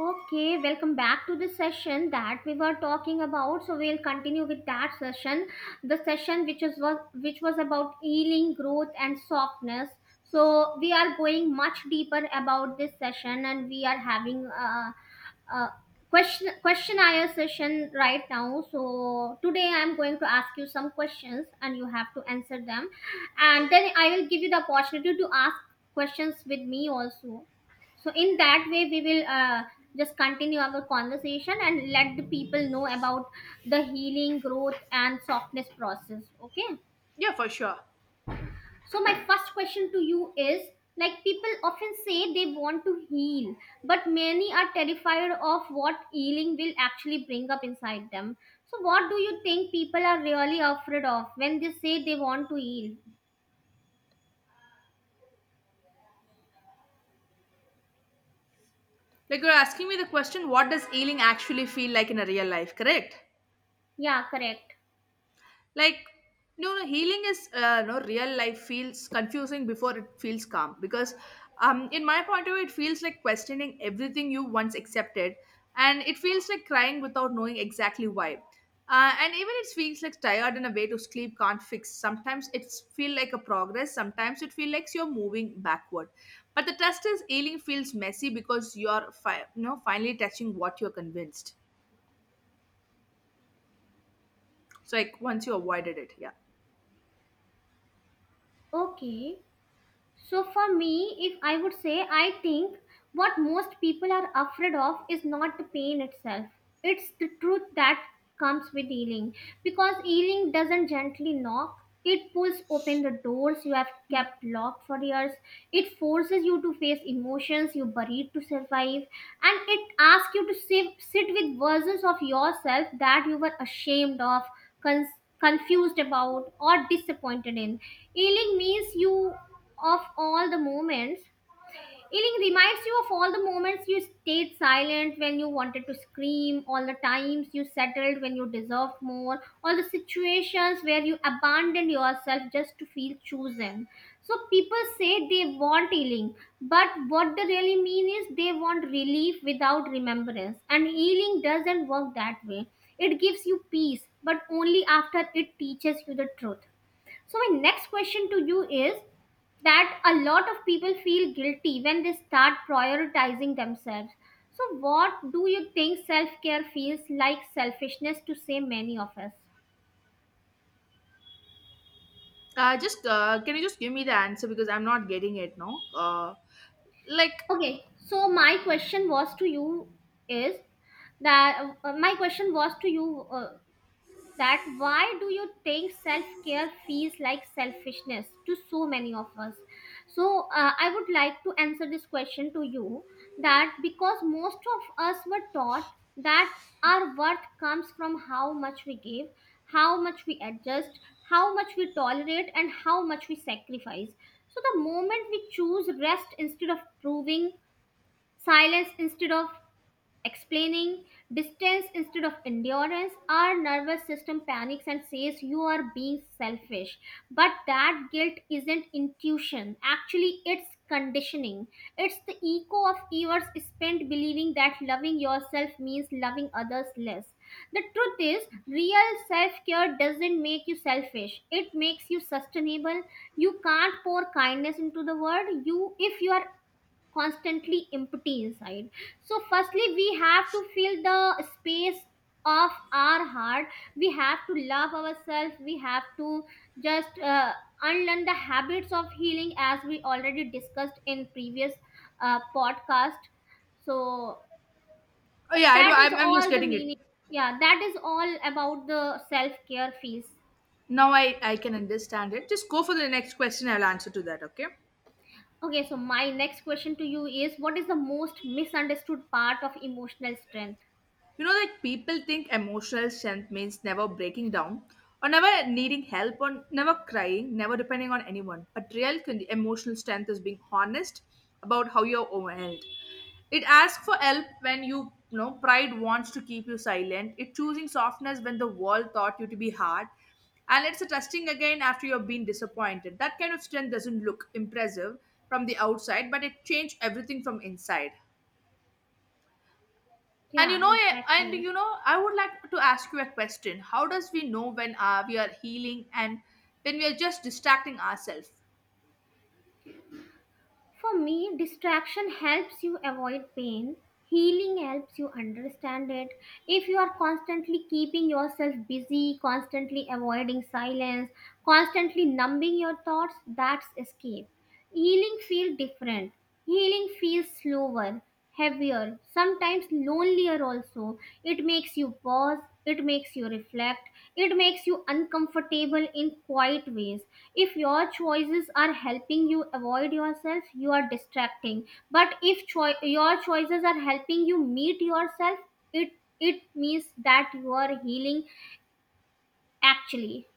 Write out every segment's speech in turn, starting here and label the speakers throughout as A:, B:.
A: Okay, welcome back to the session that we were talking about. So we'll continue with that session, the session which was about healing, growth, and softness. So we are going much deeper about this session, and we are having a questionnaire session right now. So today I'm going to ask you some questions, and you have to answer them, and then I will give you the opportunity to ask questions with me also. So in that way we will just continue our conversation and let the people know about the healing, growth, and softness process, okay?
B: Yeah, for sure.
A: So my first question to you is, like, people often say they want to heal, but many are terrified of what healing will actually bring up inside them. So what do you think people are really afraid of when they say they want to heal?
B: Like you're asking me the question, what does healing actually feel like in a real life, correct?
A: Yeah, correct.
B: Like, no, no, healing is, no, real life feels confusing before it feels calm, because, in my point of view, it feels like questioning everything you once accepted, and it feels like crying without knowing exactly why. And even it feels like tired in a way to sleep can't fix. Sometimes it's feel like a progress, sometimes it feels like you're moving backward. But the test is healing feels messy because you're you know, finally touching what you're convinced. So, like, once you avoided it. Yeah.
A: Okay. So, for me, if I would say, I think what most people are afraid of is not the pain itself, it's the truth that comes with healing. Because healing doesn't gently knock, it pulls open the doors you have kept locked for years, it forces you to face emotions you buried to survive, and it asks you to sit with versions of yourself that you were ashamed of, con confused about, or disappointed in. Healing means you of all the moments. Healing reminds you of all the moments you stayed silent when you wanted to scream, all the times you settled when you deserved more, all the situations where you abandoned yourself just to feel chosen. So people say they want healing, but what they really mean is they want relief without remembrance. And healing doesn't work that way. It gives you peace, but only after it teaches you the truth. So, my next question to you is that a lot of people feel guilty when they start prioritizing themselves. So, what do you think self care feels like selfishness to say many of us?
B: Just can you just give me the answer because I'm not getting it now. Like
A: Okay, so my question was to you is that my question was to you that why do you think self-care feels like selfishness to so many of us? So I would like to answer this question to you, that because most of us were taught that our worth comes from how much we give, how much we adjust, how much we tolerate, and how much we sacrifice. So the moment we choose rest instead of proving, silence instead of explaining, distance instead of endurance, our nervous system panics and says you are being selfish. But that guilt isn't intuition, actually it's conditioning. It's the echo of years spent believing that loving yourself means loving others less. The truth is, real self-care doesn't make you selfish, it makes you sustainable. You can't pour kindness into the world you if you are constantly empty inside. So firstly we have to fill the space of our heart, we have to love ourselves, we have to just unlearn the habits of healing, as we already discussed in previous podcast. So
B: oh yeah, I do.
A: that is
B: I'm just
A: all the
B: getting
A: meaning.
B: it
A: Yeah, that is all about the self care phase.
B: now. I can understand it. Just go for the next question. I'll answer to that. Okay.
A: Okay, so my next question to you is, what is the most misunderstood part of emotional strength?
B: You know, like, people think emotional strength means never breaking down, or never needing help, or never crying, never depending on anyone. But real emotional strength is being honest about how you're overwhelmed. It asks for help when you know, pride wants to keep you silent. It choosing softness when the world thought you to be hard. And it's a trusting again after you've been disappointed. That kind of strength doesn't look impressive from the outside, but it changed everything from inside. And you
A: Yeah,
B: know,
A: exactly.
B: I would like to ask you a question. How does we know when, we are healing and when we are just distracting ourselves?
A: For me, distraction helps you avoid pain. Healing helps you understand it. If you are constantly keeping yourself busy, constantly avoiding silence, constantly numbing your thoughts, that's escape. Healing feels different. Healing feels slower, heavier, sometimes lonelier also. It makes you pause, it makes you reflect, it makes you uncomfortable in quiet ways. If your choices are helping you avoid yourself, you are distracting. But if your choices are helping you meet yourself, it it means that you are healing actually.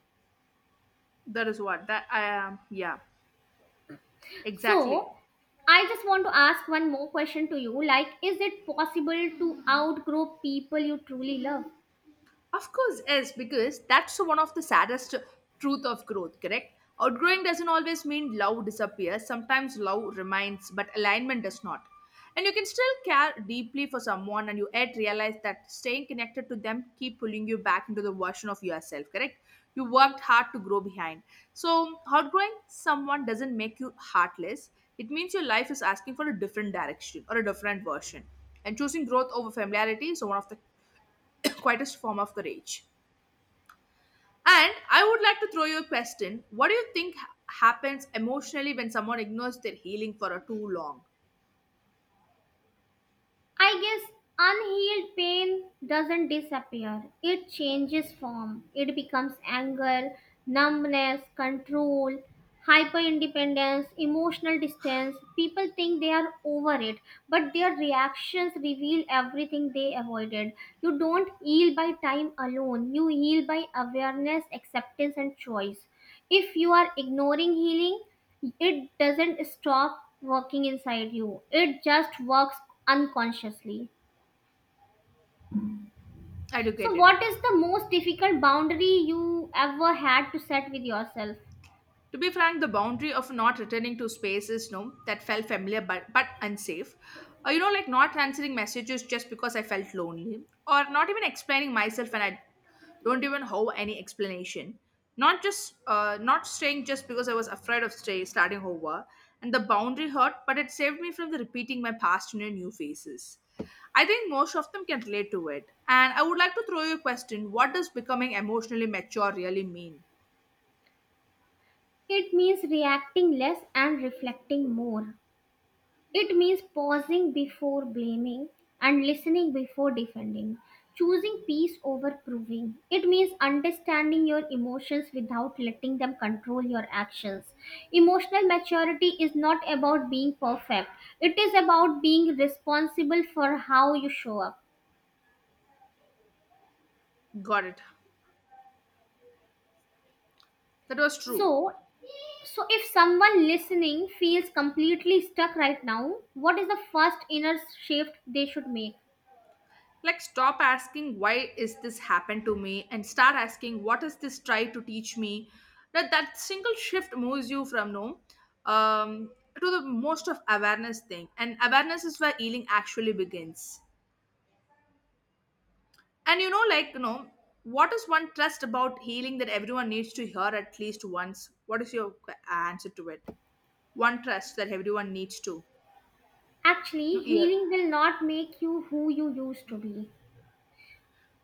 B: That is what that I am. Yeah, exactly.
A: So, I just want to ask one more question to you, like, is it possible to outgrow people you truly love?
B: Of course, yes, because that's one of the saddest truth of growth, correct? Outgrowing doesn't always mean love disappears. Sometimes love remains, but alignment does not. And you can still care deeply for someone, and you yet realize that staying connected to them keep pulling you back into the version of yourself, correct? You worked hard to grow behind. So, outgrowing someone doesn't make you heartless. It means your life is asking for a different direction or a different version. And choosing growth over familiarity is one of the quietest form of courage. And I would like to throw you a question. What do you think happens emotionally when someone ignores their healing for a too long?
A: I guess unhealed pain doesn't disappear. It changes form. It becomes anger, numbness, control, hyper independence, emotional distance. People think they are over it, but their reactions reveal everything they avoided. You don't heal by time alone, you heal by awareness, acceptance, and choice. If you are ignoring healing, it doesn't stop working inside you, it just works unconsciously. So,
B: Educated.
A: what is the most difficult boundary you ever had to set with yourself?
B: To be frank, the boundary of not returning to space is no, that felt familiar, but unsafe. You know, like, not answering messages just because I felt lonely, or not even explaining myself, and I don't even have any explanation. Not just, not staying just because I was afraid of starting over, and the boundary hurt, but it saved me from the repeating my past in a new faces. I think most of them can relate to it. And I would like to throw you a question: what does becoming emotionally mature really mean?
A: It means reacting less and reflecting more. It means pausing before blaming and listening before defending, choosing peace over proving. It means understanding your emotions without letting them control your actions. Emotional maturity is not about being perfect, it is about being responsible for how you show up.
B: Got it. That was true.
A: So, so if someone listening feels completely stuck right now, what is the first inner shift they should make?
B: Like, stop asking, why is this happened to me? And start asking, what is this try to teach me? That single shift moves you from no, um, to the most of awareness thing. And awareness is where healing actually begins. And you know, like, what is one trust about healing that everyone needs to hear at least once? What is your answer to it? One trust that everyone needs to,
A: Actually,
B: hear.
A: healing will not make you who you used to be.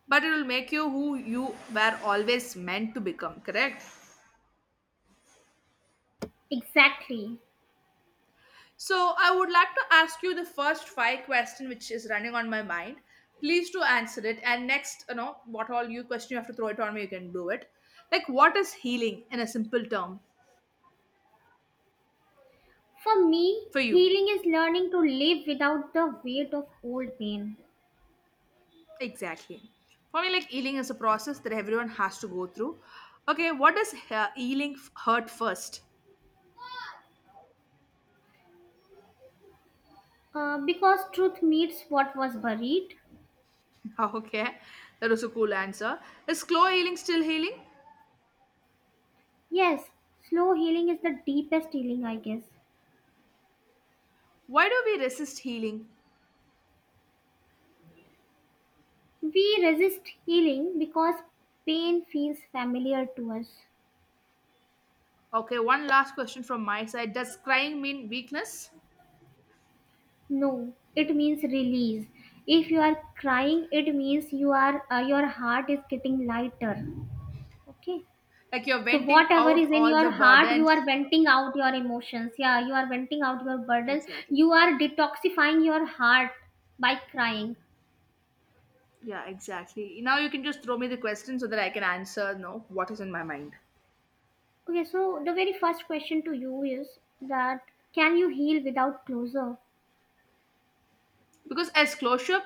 B: But it will make you who you were always meant to become, correct?
A: Exactly.
B: So I would like to ask you the first five question which is running on my mind. Please to answer it. And next, you know, what all you question you have to throw it on me, you can do it. Like, what is healing in a simple term
A: For me,
B: for you?
A: healing is learning to live without the weight of old pain.
B: Exactly. For me, like, healing is a process that everyone has to go through. Okay, what does healing hurt first?
A: Because truth meets what was buried.
B: Okay, that was a cool answer. Is slow healing still healing?
A: Yes, slow healing is the deepest healing, I guess.
B: Why do we resist healing?
A: We resist healing because pain feels familiar to us.
B: Okay, one last question from my side. Does crying mean weakness?
A: No, it means release. If you are crying, it means your heart is getting lighter. Okay.
B: Like, you're
A: So
B: venting
A: whatever
B: out
A: is in
B: all
A: your
B: the
A: heart, you are
B: burdens.
A: venting out your emotions, yeah, you are venting out your burdens,
B: Exactly.
A: you are detoxifying your heart by crying.
B: Yeah, exactly. Now you can just throw me the question so that I can answer, no, what is in my mind.
A: Okay, so the very first question to you is that, can you heal without closure?
B: Because as closure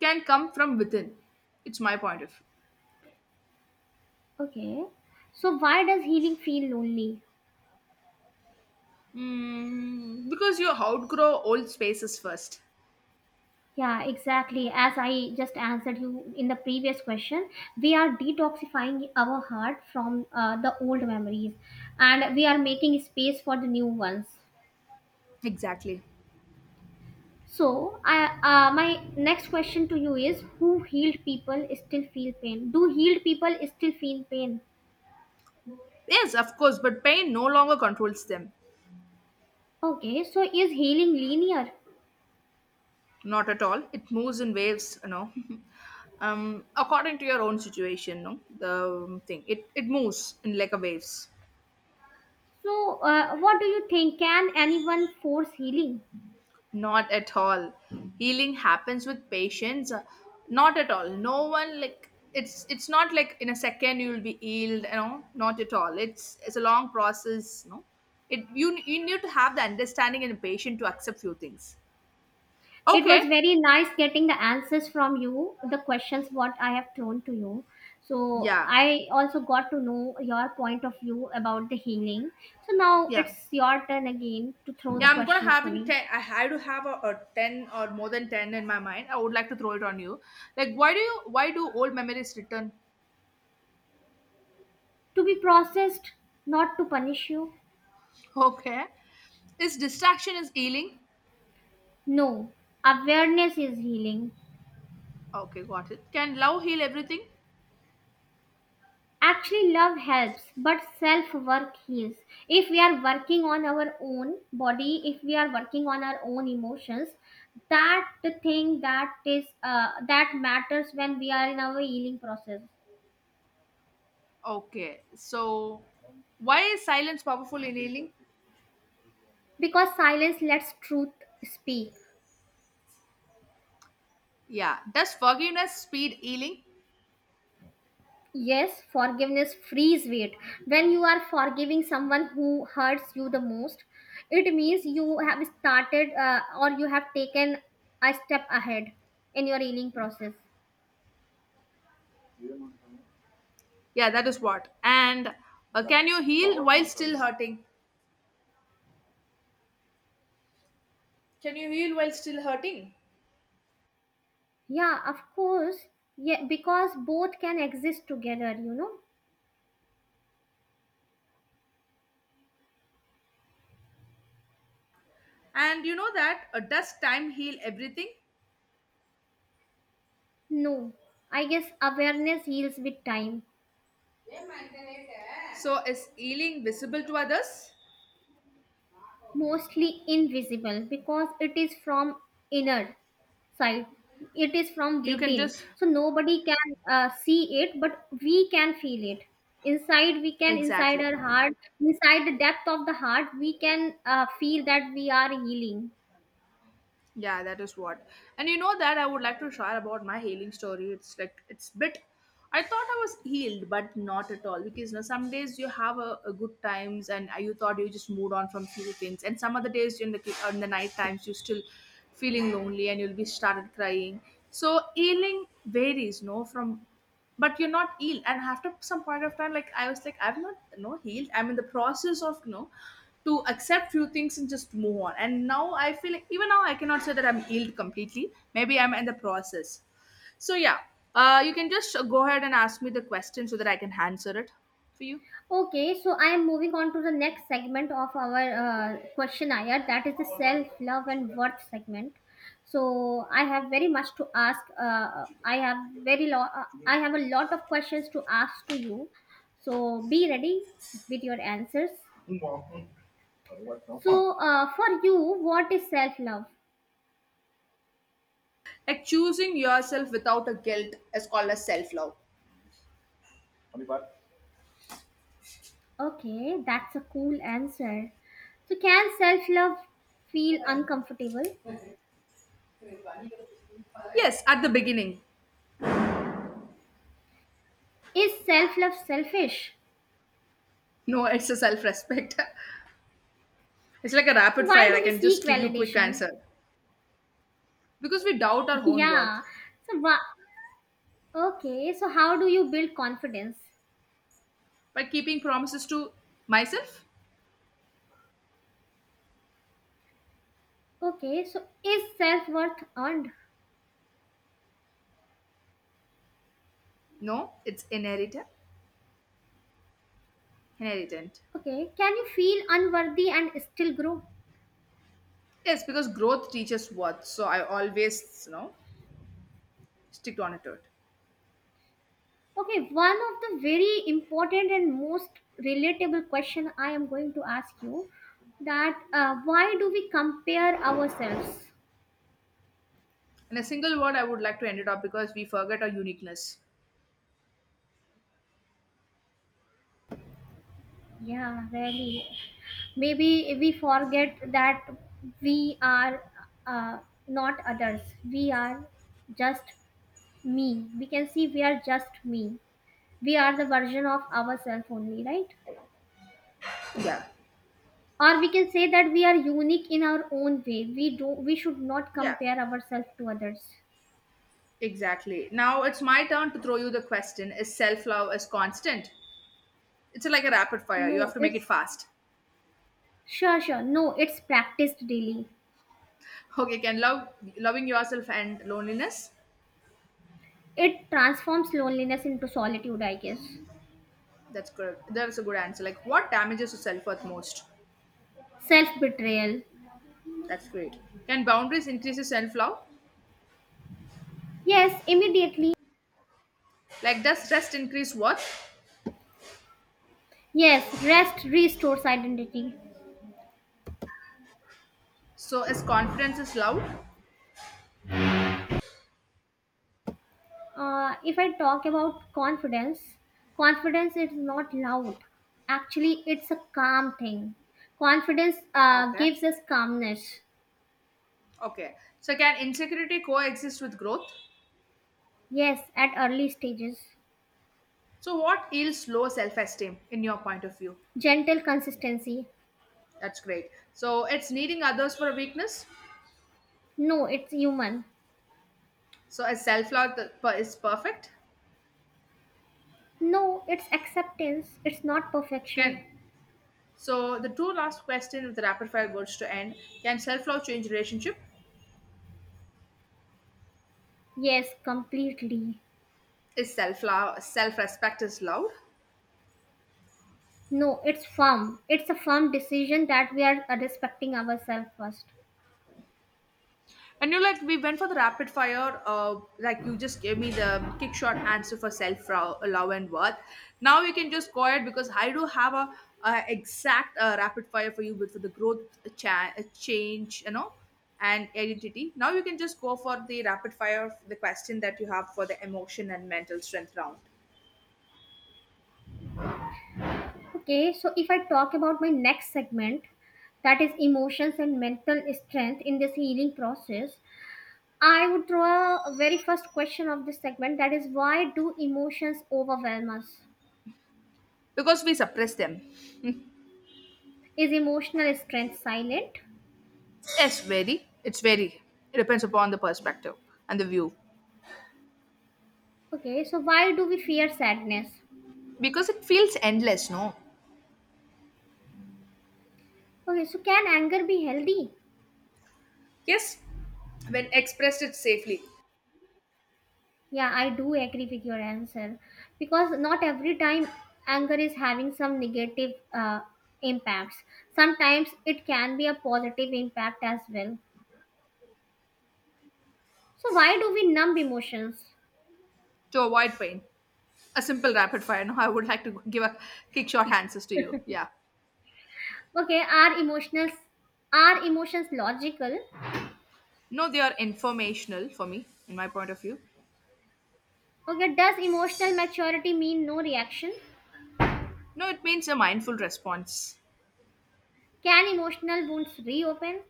B: can come from within, it's my point of view.
A: Okay, so why does healing feel lonely?
B: Because you outgrow old spaces first.
A: Yeah, exactly, as I just answered you in the previous question, we are detoxifying our heart from the old memories and we are making space for the new ones.
B: Exactly.
A: So, I, my next question to you is, Who healed people still feel pain? Do healed people still feel pain?
B: Yes, of course, but pain no longer controls them.
A: Okay, so is healing linear?
B: Not at all, it moves in waves, you know. um According to your own situation, no, the thing, it moves in like a waves.
A: So, what do you think? Can anyone force healing?
B: Not at all, healing happens with patience. Not at all, no one, like, it's not like in a second you will be healed, you know. Not at all, it's a long process, no, it you you need to have the understanding and patience to accept few things.
A: It
B: Okay.
A: was very nice getting the answers from you, the questions what I have thrown to you. So,
B: Yeah,
A: I also got to know your point of view about the healing. So, now
B: yeah,
A: it's your turn again to throw the
B: yeah, I'm gonna
A: questions to
B: having
A: me.
B: 10. I had to have a 10 or more than 10 in my mind, I would like to throw it on you. Like, why do old memories return?
A: To be processed, not to punish you.
B: Okay. Is distraction is healing?
A: No, awareness is healing.
B: Okay, got it. Can love heal everything?
A: Actually, love helps, but self work heals. If we are working on our own body, if we are working on our own emotions, that the thing that is that matters when we are in our healing process.
B: Okay, so why is silence powerful in healing?
A: Because silence lets truth speak.
B: Yeah, does forgiveness speed healing?
A: Yes, forgiveness frees weight. When you are forgiving someone who hurts you the most, it means you have taken a step ahead in your healing process.
B: Yeah, that is what. And, can you heal while still hurting? Can you heal while still hurting?
A: Yeah, of course. Yeah, because both can exist together, you know.
B: And you know that, does time heal everything?
A: No, I guess awareness heals with time,
B: So, is healing visible to others?
A: mostly invisible because it is from inner side. It is from
B: You can
A: within,
B: just
A: so nobody can see it, but we can feel it inside. We can inside
B: exactly.
A: our heart, inside the depth of the heart we can feel that we are healing.
B: Yeah, that is what. And you know that I would like to share about my healing story. It's like it's bit. I thought I was healed, but not at all. Because you know, some days you have a good times, and you thought you just moved on from few things, and some other days in the night times you still feeling lonely, and you'll be started crying. So healing varies, no, from, but you're not healed, and after some point of time, like I was like, I'm not no healed, I'm in the process of, you know, to accept few things and just move on, and now I feel like even now I cannot say that I'm healed completely, maybe I'm in the process, so yeah. You can just go ahead and ask me the question so that I can answer it for you.
A: Okay, so I am moving on to the next segment of our questionnaire, that is the self love and worth segment. So I have very much to ask, I have a lot of questions to ask to you, so be ready with your answers. So, for you, what is self love?
B: Like, choosing yourself without a guilt is called as self-love.
A: Okay, that's a cool answer. So, can self love feel uncomfortable?
B: Yes, at the beginning.
A: Is self love selfish?
B: No, it's a self-respect. It's like a
A: So,
B: rapid
A: why
B: fire, I
A: do we
B: can
A: seek
B: just give you quick
A: validation?
B: answer. Because we doubt our own
A: Yeah.
B: worth.
A: So, wha- okay, so how do you build confidence?
B: But keeping promises to myself?
A: Okay, so is self worth earned?
B: No, it's inherited. Inheritant.
A: Okay, can you feel unworthy and still grow?
B: Yes, because growth teaches worth. So I always, you know, stick on it. To it.
A: Okay, one of the very important and most relatable question I am going to ask you, that why do we compare ourselves?
B: In a single word, I would like to end it up because we forget our uniqueness.
A: Yeah, really. Maybe we forget that we are uh, not others. We are just me. We can see We are just me. We are the version of ourselves only, right?
B: Yeah.
A: Or we can say that we are unique in our own way. We do. We should not
B: Yeah.
A: compare ourselves to others.
B: Exactly. Now it's my turn to throw you the question. Is self love is constant? It's like a rapid fire. You
A: No,
B: have to make it
A: it's
B: fast.
A: Sure, sure. No, it's practiced daily.
B: Okay, can love loving yourself and loneliness?
A: It transforms loneliness into solitude, I guess.
B: That's good. That's a good answer. Like, what damages your self worth most?
A: Self betrayal.
B: That's great. Can boundaries increase self love?
A: Yes, immediately.
B: Like, does rest increase worth?
A: Yes, rest restores identity.
B: So, is confidence is loud?
A: If I talk about confidence, confidence is not loud. Actually, it's a calm thing. Confidence
B: Okay.
A: gives us calmness.
B: Okay. So, can insecurity coexist with growth?
A: Yes, at early stages.
B: So, what yields low self esteem in your point of view?
A: Gentle consistency.
B: That's great. So, it's needing others for a weakness.
A: No, it's human.
B: So, is self love is perfect?
A: No, it's acceptance. It's not perfection.
B: Can so the two last question with the rapid fire words to end. Can self love change relationship?
A: Yes, completely.
B: Is self love self respect is love?
A: No, it's firm. It's a firm decision that we are respecting ourselves first.
B: And you like we went for the rapid fire. Like, you just gave me the kick shot answer for self love and worth. Now you can just go ahead because I do have a exact, rapid fire for you with for the growth change, you know, and identity. Now you can just go for the rapid fire the question that you have for the emotion and mental strength round.
A: Okay, so if I talk about my next segment, that is emotions and mental strength in this healing process, I would draw a very first question of this segment, that is, why do emotions overwhelm us?
B: Because we suppress them.
A: Is emotional strength silent?
B: Yes, very. It's very. It depends upon the perspective and the view.
A: Okay, so why do we fear sadness?
B: Because it feels endless. No.
A: Okay, so can anger be healthy?
B: Yes, when expressed it safely.
A: Yeah, I do agree with your answer, because not every time anger is having some negative impacts. Sometimes it can be a positive impact as well. So why do we numb emotions?
B: To avoid pain. A simple rapid fire. No, I would like to give a kick short answers to you. Yeah.
A: Okay, are emotions logical?
B: No, they are informational for me, in my point of view.
A: Okay, does emotional maturity mean no reaction?
B: No, it means a mindful response.
A: Can emotional wounds reopen?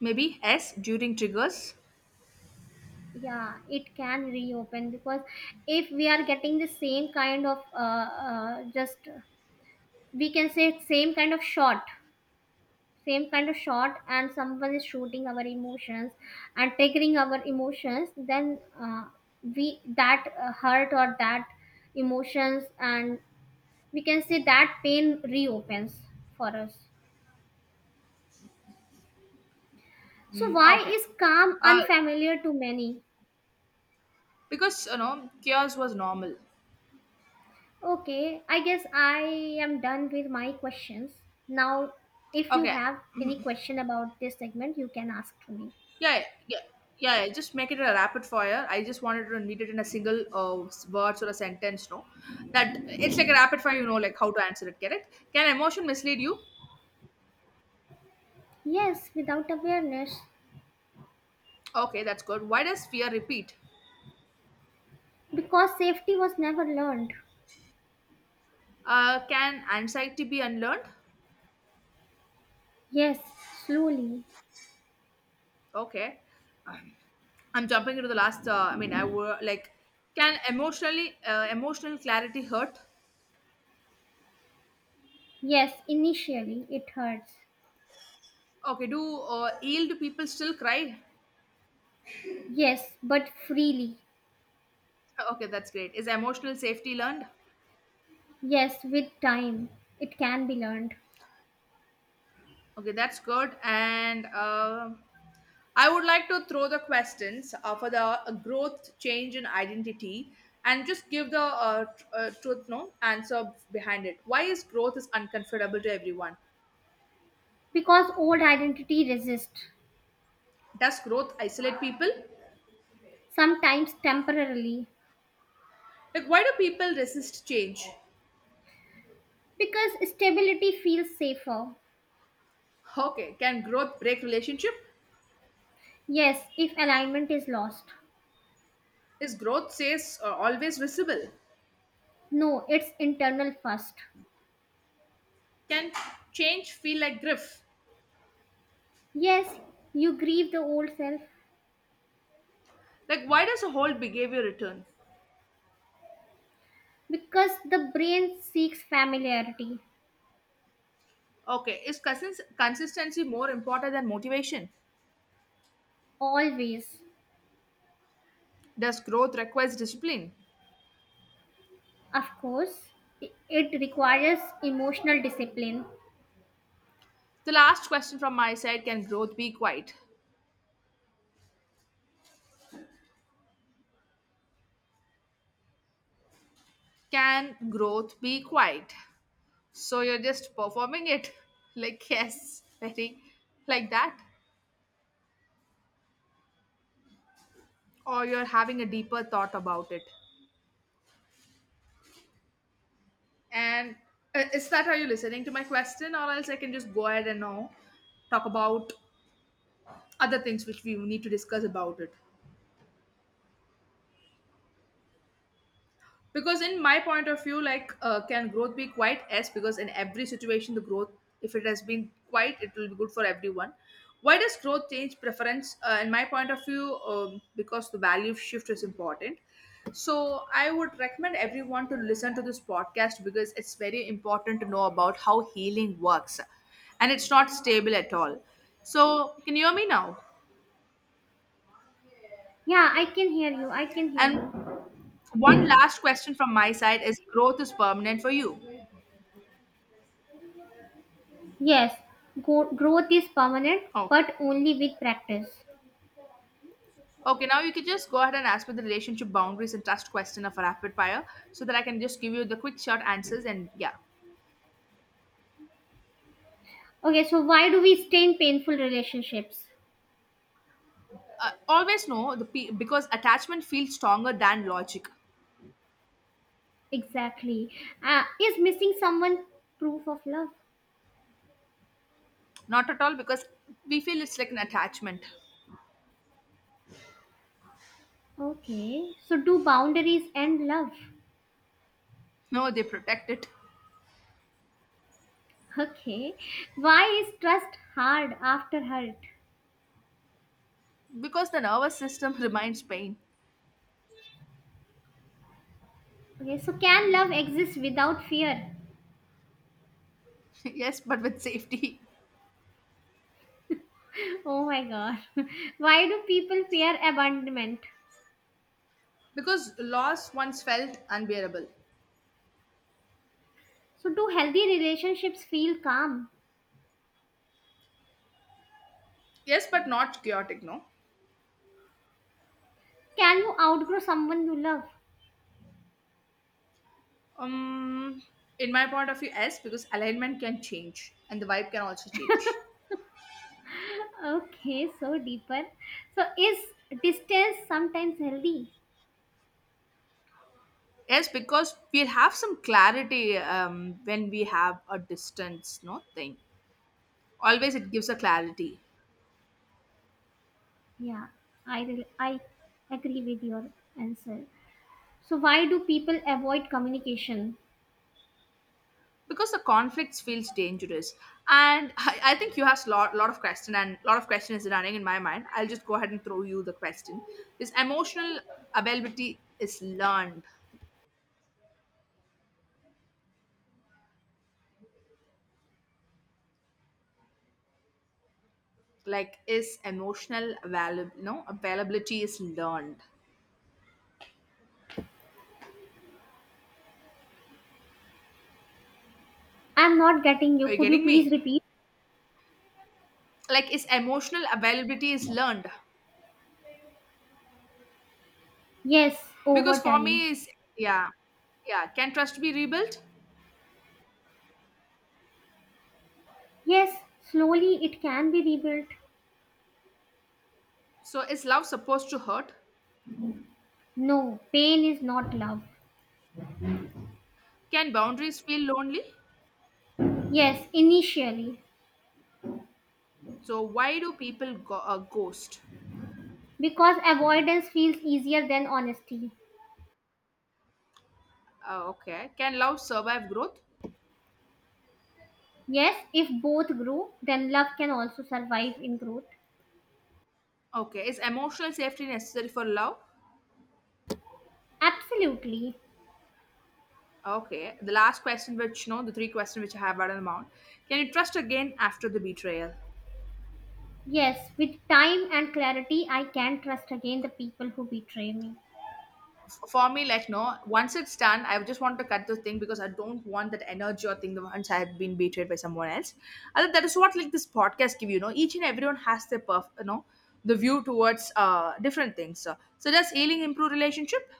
B: Maybe S during triggers.
A: Yeah, it can reopen, because if we are getting the same kind of just we can say same kind of shot same kind of shot, and someone is shooting our emotions and triggering our emotions, then we that hurt or that emotions, and we can say that pain reopens for us. So
B: Mm,
A: why
B: okay.
A: is calm
B: Uh,
A: unfamiliar to many?
B: because you know, chaos was normal.
A: Okay, I guess I am done with my questions now. If you
B: Okay.
A: have any question about this segment, you can ask to me.
B: Yeah, yeah, yeah, yeah, just make it a rapid fire. I just wanted to need it in a single, words or a sentence. No, that it's like a rapid fire. You know, like how to answer it. Correct? Can emotion mislead you?
A: Yes, without awareness.
B: Okay, that's good. Why does fear repeat?
A: Because safety was never learned.
B: Can anxiety be unlearned?
A: Yes, slowly.
B: Okay, I'm jumping into the last. Can emotional clarity hurt?
A: Yes, initially it hurts.
B: Okay, do yield people still cry?
A: Yes, but freely.
B: Okay, that's great. Is emotional safety learned?
A: Yes, with time it can be learned.
B: Okay, that's good. And I would like to throw the questions for the growth, change, and identity, and just give the truth no answer behind it. Why is growth is uncomfortable to everyone?
A: Because old identity resists,
B: Does growth isolate people?
A: sometimes temporarily.
B: Like, why do people resist change?
A: Because stability feels safer.
B: Okay, can growth break relationship?
A: Yes, if alignment is lost.
B: Is growth says always visible?
A: No, it's internal first.
B: Can change feel like grief?
A: Yes, you grieve the old self
B: Like, why does a whole behavior return?
A: because the brain seeks familiarity.
B: Okay, is consistency more important than motivation?
A: Always.
B: Does growth requires discipline?
A: Of course, it requires emotional discipline.
B: The last question from my side, can growth be quiet? Can growth be quiet? So you're just performing it like yes, very like that, or you're having a deeper thought about it. And Is that how you listening to my question, or else I can just go ahead and now talk about other things which we need to discuss about it? Because in my point of view, like, can growth be quite s, because in every situation the growth, if it has been quite, it will be good for everyone. Why does growth change preference, in my point of view, because the value shift is important. So I would recommend everyone to listen to this podcast because it's very important to know about how healing works, and it's not stable at all. So can you hear me now?
A: Yeah, I can hear you. I can hear
B: And
A: you.
B: one last question from my side, is growth is permanent for you.
A: Yes, growth is permanent,
B: Okay.
A: but only with practice.
B: Okay, now you can just go ahead and ask me the relationship, boundaries and trust question of a rapid fire so that I can just give you the quick short answers, and yeah.
A: Okay, so why do we stay in painful relationships?
B: Always know the because attachment feels stronger than logic.
A: Exactly. Is missing someone proof of love?
B: Not at all, because we feel it's like an attachment.
A: Okay, so do boundaries and love.
B: No, they protect it.
A: Okay, why is trust hard after hurt?
B: Because the nervous system reminds pain.
A: Okay, so can love exist without fear?
B: Yes, but with safety.
A: Oh my god. Why do people fear abandonment?
B: Because loss once felt unbearable.
A: So, do healthy relationships feel calm?
B: Yes, but not chaotic, no?
A: Can you outgrow someone you love?
B: Um, in my point of view, yes, because alignment can change and the vibe can also change.
A: Okay, so deeper. So, is distance sometimes healthy?
B: Yes, because we'll have some clarity when we have a distance, no thing. Always it gives a clarity.
A: Yeah, I agree with your answer. So, why do people avoid communication?
B: Because the conflicts feels dangerous. And I think you have a lot of question, and lot of question is running in my mind. I'll just go ahead and throw you the question. Is emotional availability is learned? Like, is emotional available? No, availability is learned.
A: I'm not getting you.
B: Are you
A: Could you
B: getting
A: please
B: me?
A: repeat?
B: Like, is emotional availability is learned?
A: Yes,
B: Because
A: over
B: for
A: time.
B: me is yeah, yeah. Can trust be rebuilt?
A: Yes, slowly it can be rebuilt.
B: So is love supposed to hurt?
A: No, pain is not love.
B: Can boundaries feel lonely?
A: Yes, initially.
B: So why do people ghost?
A: Because avoidance feels easier than honesty.
B: Okay. Can love survive growth?
A: Yes, if both grow, then love can also survive in growth.
B: Okay. Is emotional safety necessary for love?
A: Absolutely.
B: Okay. The last question, which no, the three questions which I have at the mount. Can you trust again after the betrayal?
A: Yes, with time and clarity, I can trust again the people who betray me.
B: For me, like, no, once it's done, I just want to cut the thing because I don't want that energy or thing the once I've been betrayed by someone else. And that is what like this podcast give you, know. Each and everyone has their the view towards different things. So does healing improve relationship?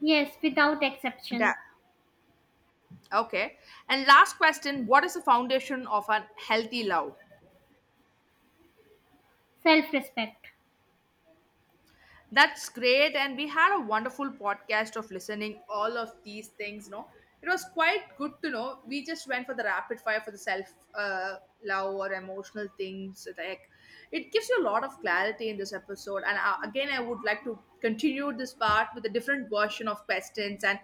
A: Yes, without exception.
B: That okay. And last question, what is the foundation of a healthy love?
A: Self respect.
B: That's great. And we had a wonderful podcast of listening all of these things, no? It was quite good to know. We just went for the rapid fire for the self uh, love or emotional things. Like, it gives you a lot of clarity in this episode. And Again, I would like to continue this part with a different version of questions, and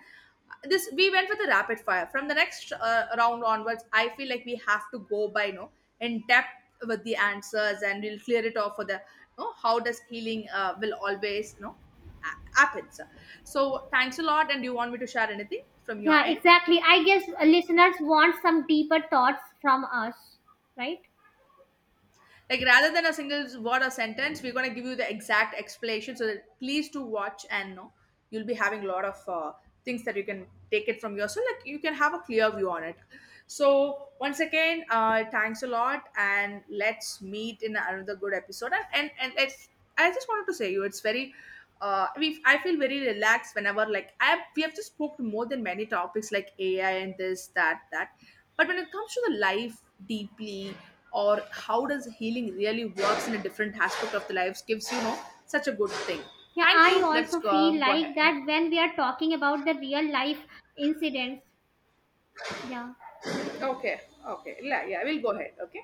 B: this we went with a rapid fire. From the next round onwards, I feel like we have to go by, you know, in depth with the answers, and we'll clear it off for the, you know, how does healing will always, you know, happens. So thanks a lot, and do you want me to share anything from your
A: Yeah,
B: end?
A: exactly. I guess listeners want some deeper thoughts from us, right?
B: Like, rather than a single word or sentence, we're gonna give you the exact explanation. So that please do watch and know you'll be having a lot of things that you can take it from yourself. Like, you can have a clear view on it. So once again, thanks a lot, and let's meet in another good episode. And it's, I just wanted to say you, it's very. I feel very relaxed whenever like I we have just spoke more than many topics like AI and this that that, but when it comes to the life deeply, or how does healing really works in a different aspect of the lives, gives you know such a good thing.
A: Yeah,
B: Thank
A: I
B: you, let's
A: also feel
B: go ahead,
A: like
B: you know.
A: that when we are talking about the real life incidents. Yeah.
B: Okay, okay, yeah, yeah, we'll go ahead. Okay.